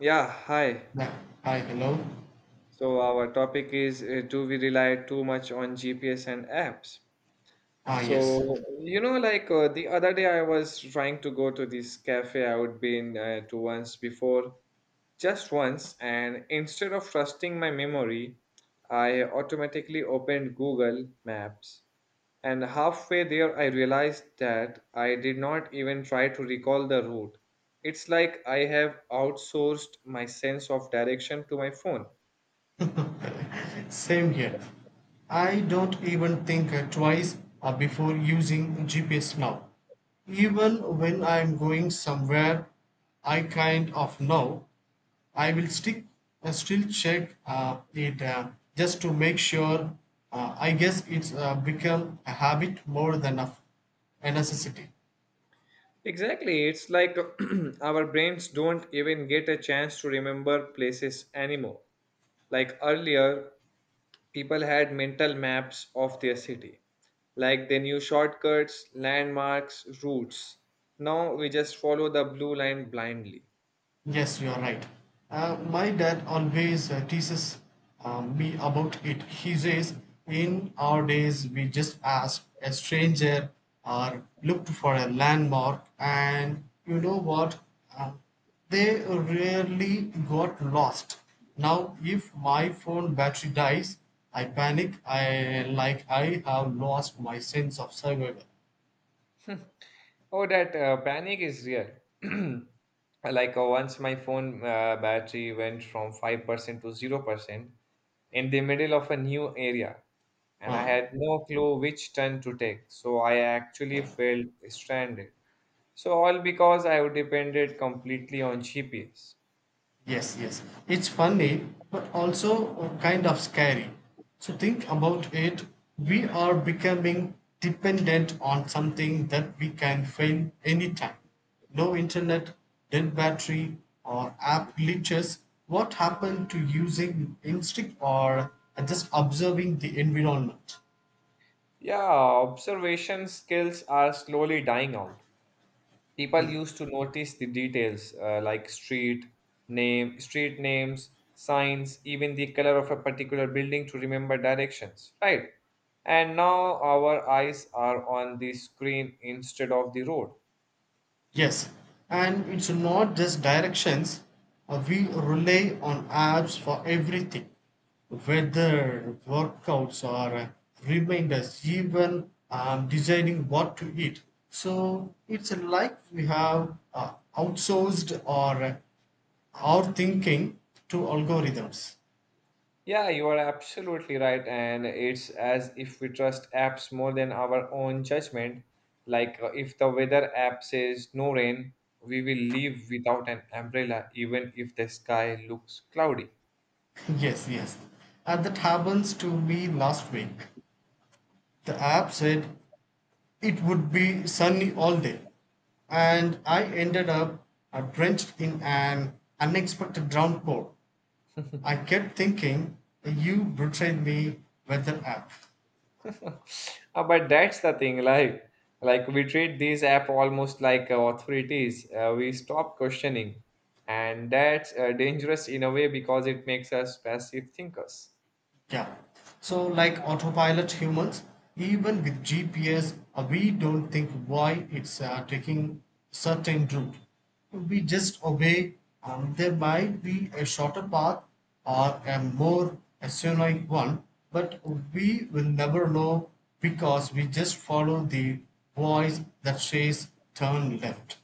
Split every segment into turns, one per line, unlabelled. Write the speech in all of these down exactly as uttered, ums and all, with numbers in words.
Yeah, hi.
Yeah. Hi, hello.
So our topic is uh, do we rely too much on G P S and apps?
Ah, yes.
So, you know, like uh, the other day I was trying to go to this cafe I would been uh, to once before, just once, and instead of trusting my memory, I automatically opened Google Maps. And halfway there, I realized that I did not even try to recall the route. It's like I have outsourced my sense of direction to my phone.
Same here. I don't even think uh, twice uh, before using G P S now. Even when I'm going somewhere, I kind of know. I will stick uh, still check uh, it uh, just to make sure. Uh, I guess it's uh, become a habit more than a, a necessity.
Exactly. It's like our brains don't even get a chance to remember places anymore. Like earlier, people had mental maps of their city. Like they knew shortcuts, landmarks, routes. Now we just follow the blue line blindly.
Yes, you are right. Uh, my dad always uh, teases uh, me about it. He says, in our days, we just asked a stranger or looked for a landmark, and you know what? Uh, they rarely got lost. Now, if my phone battery dies, I panic. I like I have lost my sense of survival.
Oh, that uh, panic is real. Like uh, once my phone uh, battery went from five percent to zero percent in the middle of a new area, and I
Uh,
had no clue which turn to take, so I actually felt stranded. So, all because I depended completely on G P S.
Yes, yes. It's funny, but also uh, kind of scary. So think about it. We are becoming dependent on something that we can fail anytime. No internet, dead battery, or app glitches. What happened to using instinct or just observing the environment?
Yeah, observation skills are slowly dying out. People used to notice the details uh, like street name, street names, signs, even the color of a particular building to remember directions, right? And now our eyes are on the screen instead of the road.
Yes, and it's not just directions. Uh, we rely on apps for everything, whether workouts or uh, reminders, even um, deciding what to eat. So it's like we have uh, outsourced our uh, our thinking to algorithms.
Yeah, you are absolutely right. And it's as if we trust apps more than our own judgment. Like uh, if the weather app says no rain, we will leave without an umbrella, even if the sky looks cloudy.
Yes, yes, and that happens to me last week. The app said it would be sunny all day, and I ended up uh, drenched in an unexpected downpour. I kept thinking, you betrayed me, weather app.
Uh, but that's the thing, like, like we treat these app almost like uh, authorities. Uh, we stop questioning, and that's uh, dangerous in a way because it makes us passive thinkers.
Yeah. So, like autopilot humans, even with G P S, uh, we don't think why it's uh, taking certain route. We just obey. Um, there might be a shorter path or a more asinine one, but we will never know because we just follow the voice that says turn left.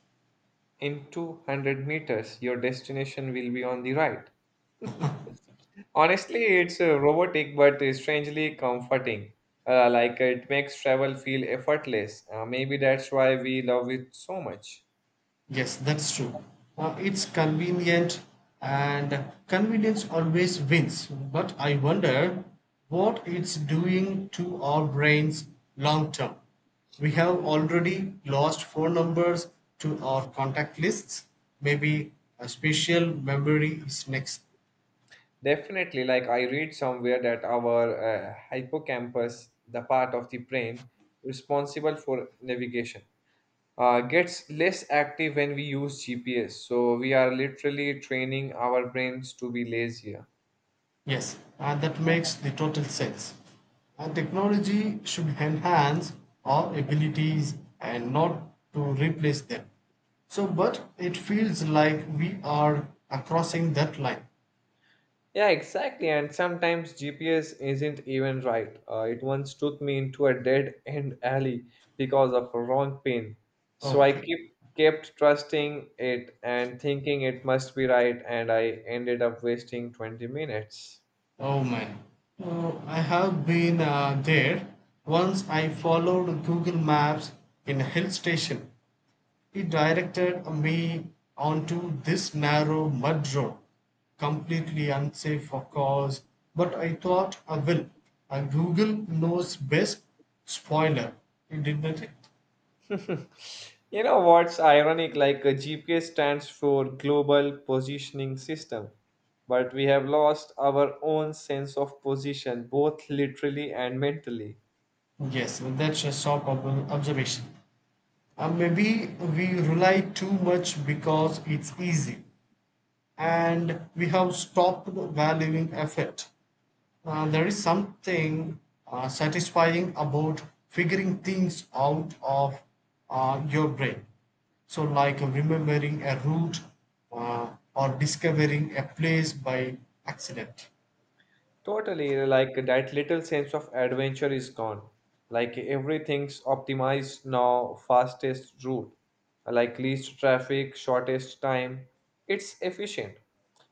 In two hundred meters, your destination will be on the right. Honestly, it's uh, robotic but strangely comforting. Uh, like it makes travel feel effortless. Uh, maybe that's why we love it so much.
Yes, that's true. Uh, it's convenient and convenience always wins. But I wonder what it's doing to our brains long term. We have already lost phone numbers to our contact lists. Maybe a spatial memory is next.
Definitely, like I read somewhere that our uh, hippocampus, the part of the brain responsible for navigation, uh, gets less active when we use G P S. So we are literally training our brains to be lazier.
Yes, uh, that makes the total sense. Uh, technology should enhance our abilities and not to replace them. So, but it feels like we are uh, crossing that line.
Yeah, exactly. And sometimes G P S isn't even right. Uh, it once took me into a dead end alley because of a wrong pin. So I
Okay.
keep kept trusting it and thinking it must be right, and I ended up wasting twenty minutes.
Oh man. So I have been uh, there. Once I followed Google Maps in a hill station. He directed me onto this narrow mud road, completely unsafe of course, but I thought, "I will, ah, Google knows best." Spoiler, it didn't it?
You know what's ironic? Like a G P S stands for Global Positioning System, but we have lost our own sense of position, both literally and mentally.
Yes, that's a sharp observation. Uh, maybe we rely too much because it's easy and we have stopped valuing effort. Uh, there is something uh, satisfying about figuring things out of uh, your brain. So, like remembering a route uh, or discovering a place by accident.
Totally, like that little sense of adventure is gone. Like everything's optimized now, fastest route, like least traffic, shortest time. It's efficient.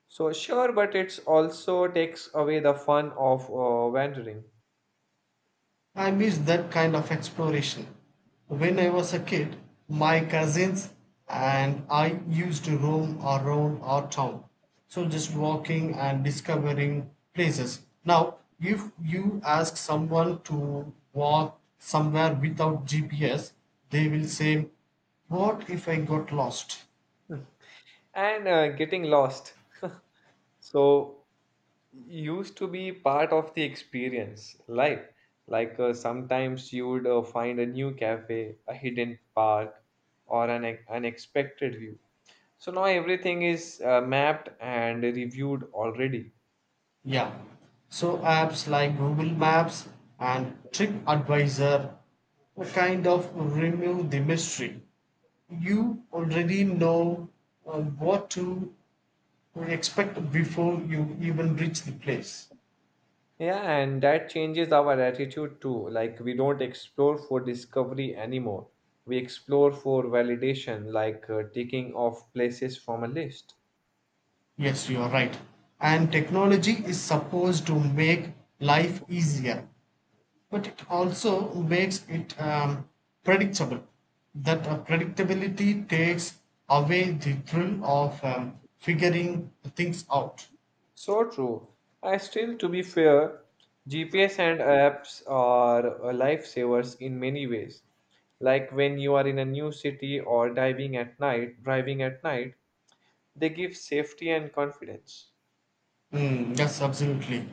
So sure, but it's also takes away the fun of uh, wandering.
I miss that kind of exploration. When I was a kid, my cousins and I used to roam around our town. So just walking and discovering places. Now, if you ask someone to walk somewhere without G P S, they will say, what if I got lost?
And uh, getting lost. So, used to be part of the experience, like like uh, sometimes you would uh, find a new cafe, a hidden park, or an ex- unexpected view. So now everything is uh, mapped and reviewed already.
Yeah. So apps like Google Maps and TripAdvisor kind of remove the mystery. You already know uh, what to expect before you even reach the place.
Yeah, and that changes our attitude too. Like, we don't explore for discovery anymore. We explore for validation, like uh, ticking off places from a list.
Yes, you are right. And technology is supposed to make life easier, but it also makes it um, predictable. That uh, predictability takes away the thrill of um, figuring things out.
So true. I still, to be fair, G P S and apps are uh, lifesavers in many ways. Like when you are in a new city or diving at night, driving at night, they give safety and confidence.
Mm, yes, absolutely.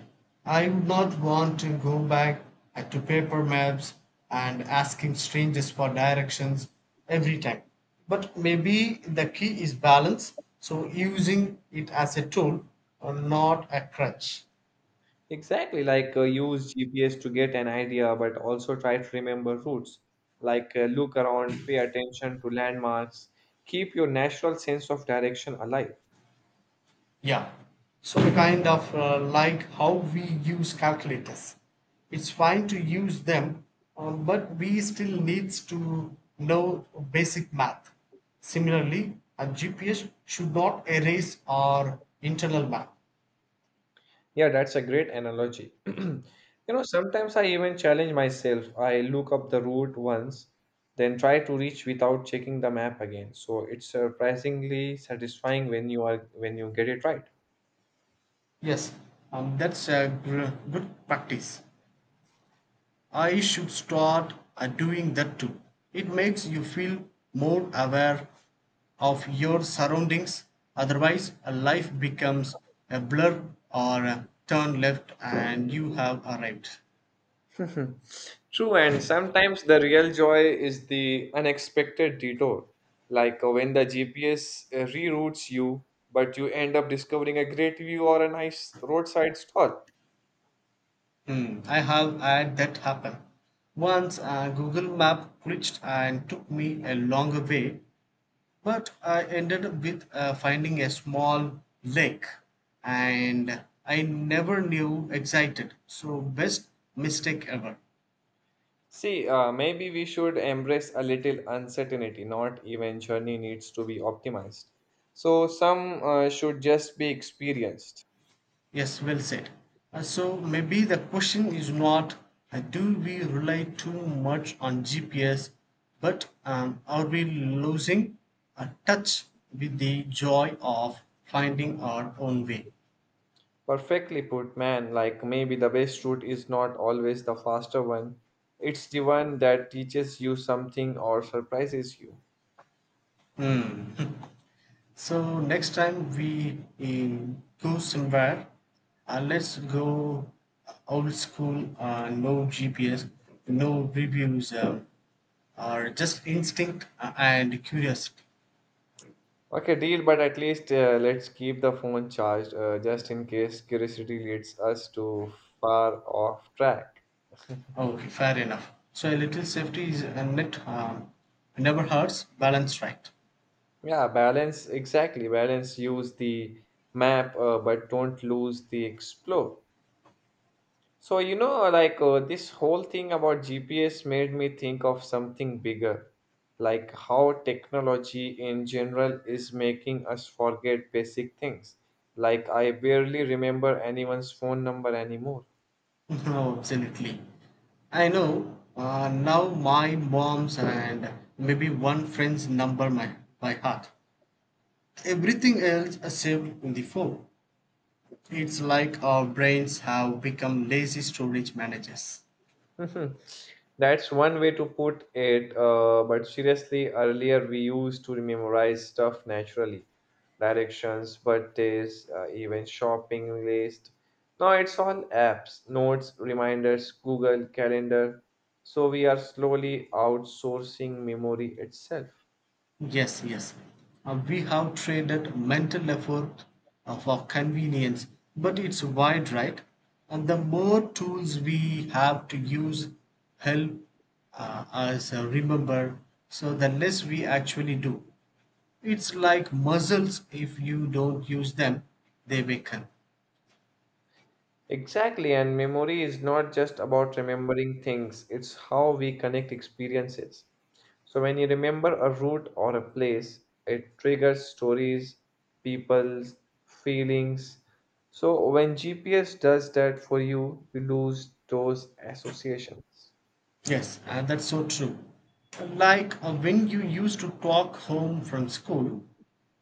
I would not want to go back uh, to paper maps and asking strangers for directions every time. But maybe the key is balance, so using it as a tool, uh, not a crutch.
Exactly, like uh, use G P S to get an idea, but also try to remember routes. Like uh, look around, pay attention to landmarks, keep your natural sense of direction alive.
Yeah. So kind of uh, like how we use calculators. It's fine to use them, um, but we still needs to know basic math. Similarly, a G P S should not erase our internal map.
Yeah, that's a great analogy. You know, sometimes I even challenge myself. I look up the route once, then try to reach without checking the map again. So it's surprisingly satisfying when you are when you get it right.
Yes, um, that's a gr- good practice. I should start uh, doing that too. It makes you feel more aware of your surroundings. Otherwise, a life becomes a blur or a turn left and you have arrived.
True, and sometimes the real joy is the unexpected detour, like uh, when the G P S uh, reroutes you, but you end up discovering a great view or a nice roadside stall.
Hmm, I have had that happen. Once a Google map glitched and took me a longer way, but I ended up with uh, finding a small lake and I never knew excited. So, best mistake ever.
See, uh, maybe we should embrace a little uncertainty, not even journey needs to be optimized. So, some uh, should just be experienced.
Yes, well said. Uh, so, maybe the question is not uh, do we rely too much on G P S, but um, are we losing a touch with the joy of finding our own way?
Perfectly put, man. Like maybe the best route is not always the faster one. It's the one that teaches you something or surprises you.
Hmm. So next time we eh, go somewhere, uh, let's go old school, uh, no G P S, no reviews, uh, or just instinct uh, and curiosity.
Okay, deal, but at least uh, let's keep the phone charged uh, just in case curiosity leads us to far off track.
Okay, fair enough. So a little safety is a net harm. Never hurts, balance right.
Yeah, balance, exactly. Balance, use the map, uh, but don't lose the explore. So, you know, like uh, this whole thing about G P S made me think of something bigger, like how technology in general is making us forget basic things. Like, I barely remember anyone's phone number anymore.
No, absolutely. I know. Uh, now my mom's and maybe one friend's number my by heart. Everything else is saved in the phone. It's like our brains have become lazy storage managers.
Mhm. That's one way to put it, uh, but seriously, earlier we used to memorize stuff naturally directions, birthdays, uh, even shopping list. Now it's all apps, notes, reminders, Google Calendar. So we are slowly outsourcing memory itself.
Yes, yes. Uh, we have traded mental effort uh, for convenience, but it's wide, right? And the more tools we have to use help uh, us uh, remember, so the less we actually do. It's like muscles, if you don't use them, they weaken.
Exactly, and memory is not just about remembering things, it's how we connect experiences. So, when you remember a route or a place, it triggers stories, people's feelings. So, when G P S does that for you, you lose those associations.
Yes, and that's so true. Like uh, when you used to walk home from school,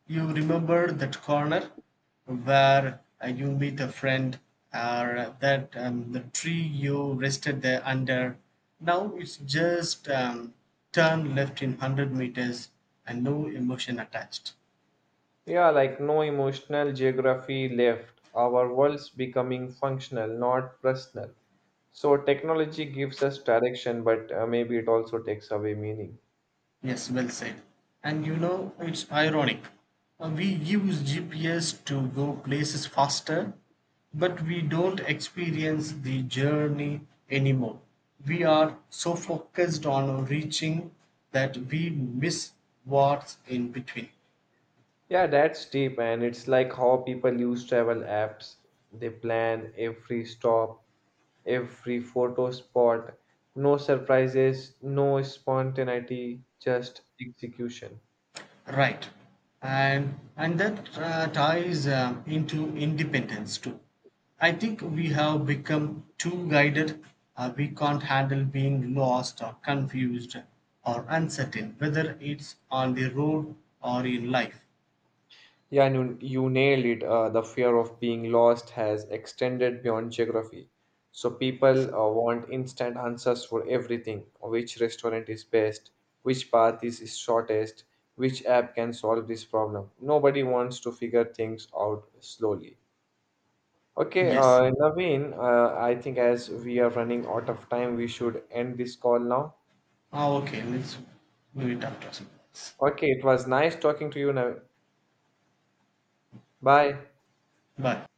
you remember that corner where uh, you meet a friend or that um, the tree you rested there under. Now it's just um, turn left in one hundred meters and no emotion attached.
Yeah, like no emotional geography left. Our world's becoming functional, not personal. So, technology gives us direction, but uh, maybe it also takes away meaning.
Yes, well said. And you know, it's ironic. Uh, We use G P S to go places faster, but we don't experience the journey anymore. We are so focused on reaching that we miss what's in between.
Yeah, that's deep, and it's like how people use travel apps. They plan every stop, every photo spot, no surprises, no spontaneity, just execution.
Right. And and that uh, ties um, into independence too. I think we have become too guided. Uh, we can't handle being lost or confused or uncertain, whether it's on the road or in life.
Yeah, and you, you nailed it. Uh, the fear of being lost has extended beyond geography. So people uh, want instant answers for everything. Which restaurant is best? Which path is shortest? Which app can solve this problem? Nobody wants to figure things out slowly. Okay,
Yes.
uh, Naveen, uh, I think as we are running out of time, we should end this call now.
Ah, okay. Let's move it up to something else.
Okay, it was nice talking to you, Naveen. Bye.
But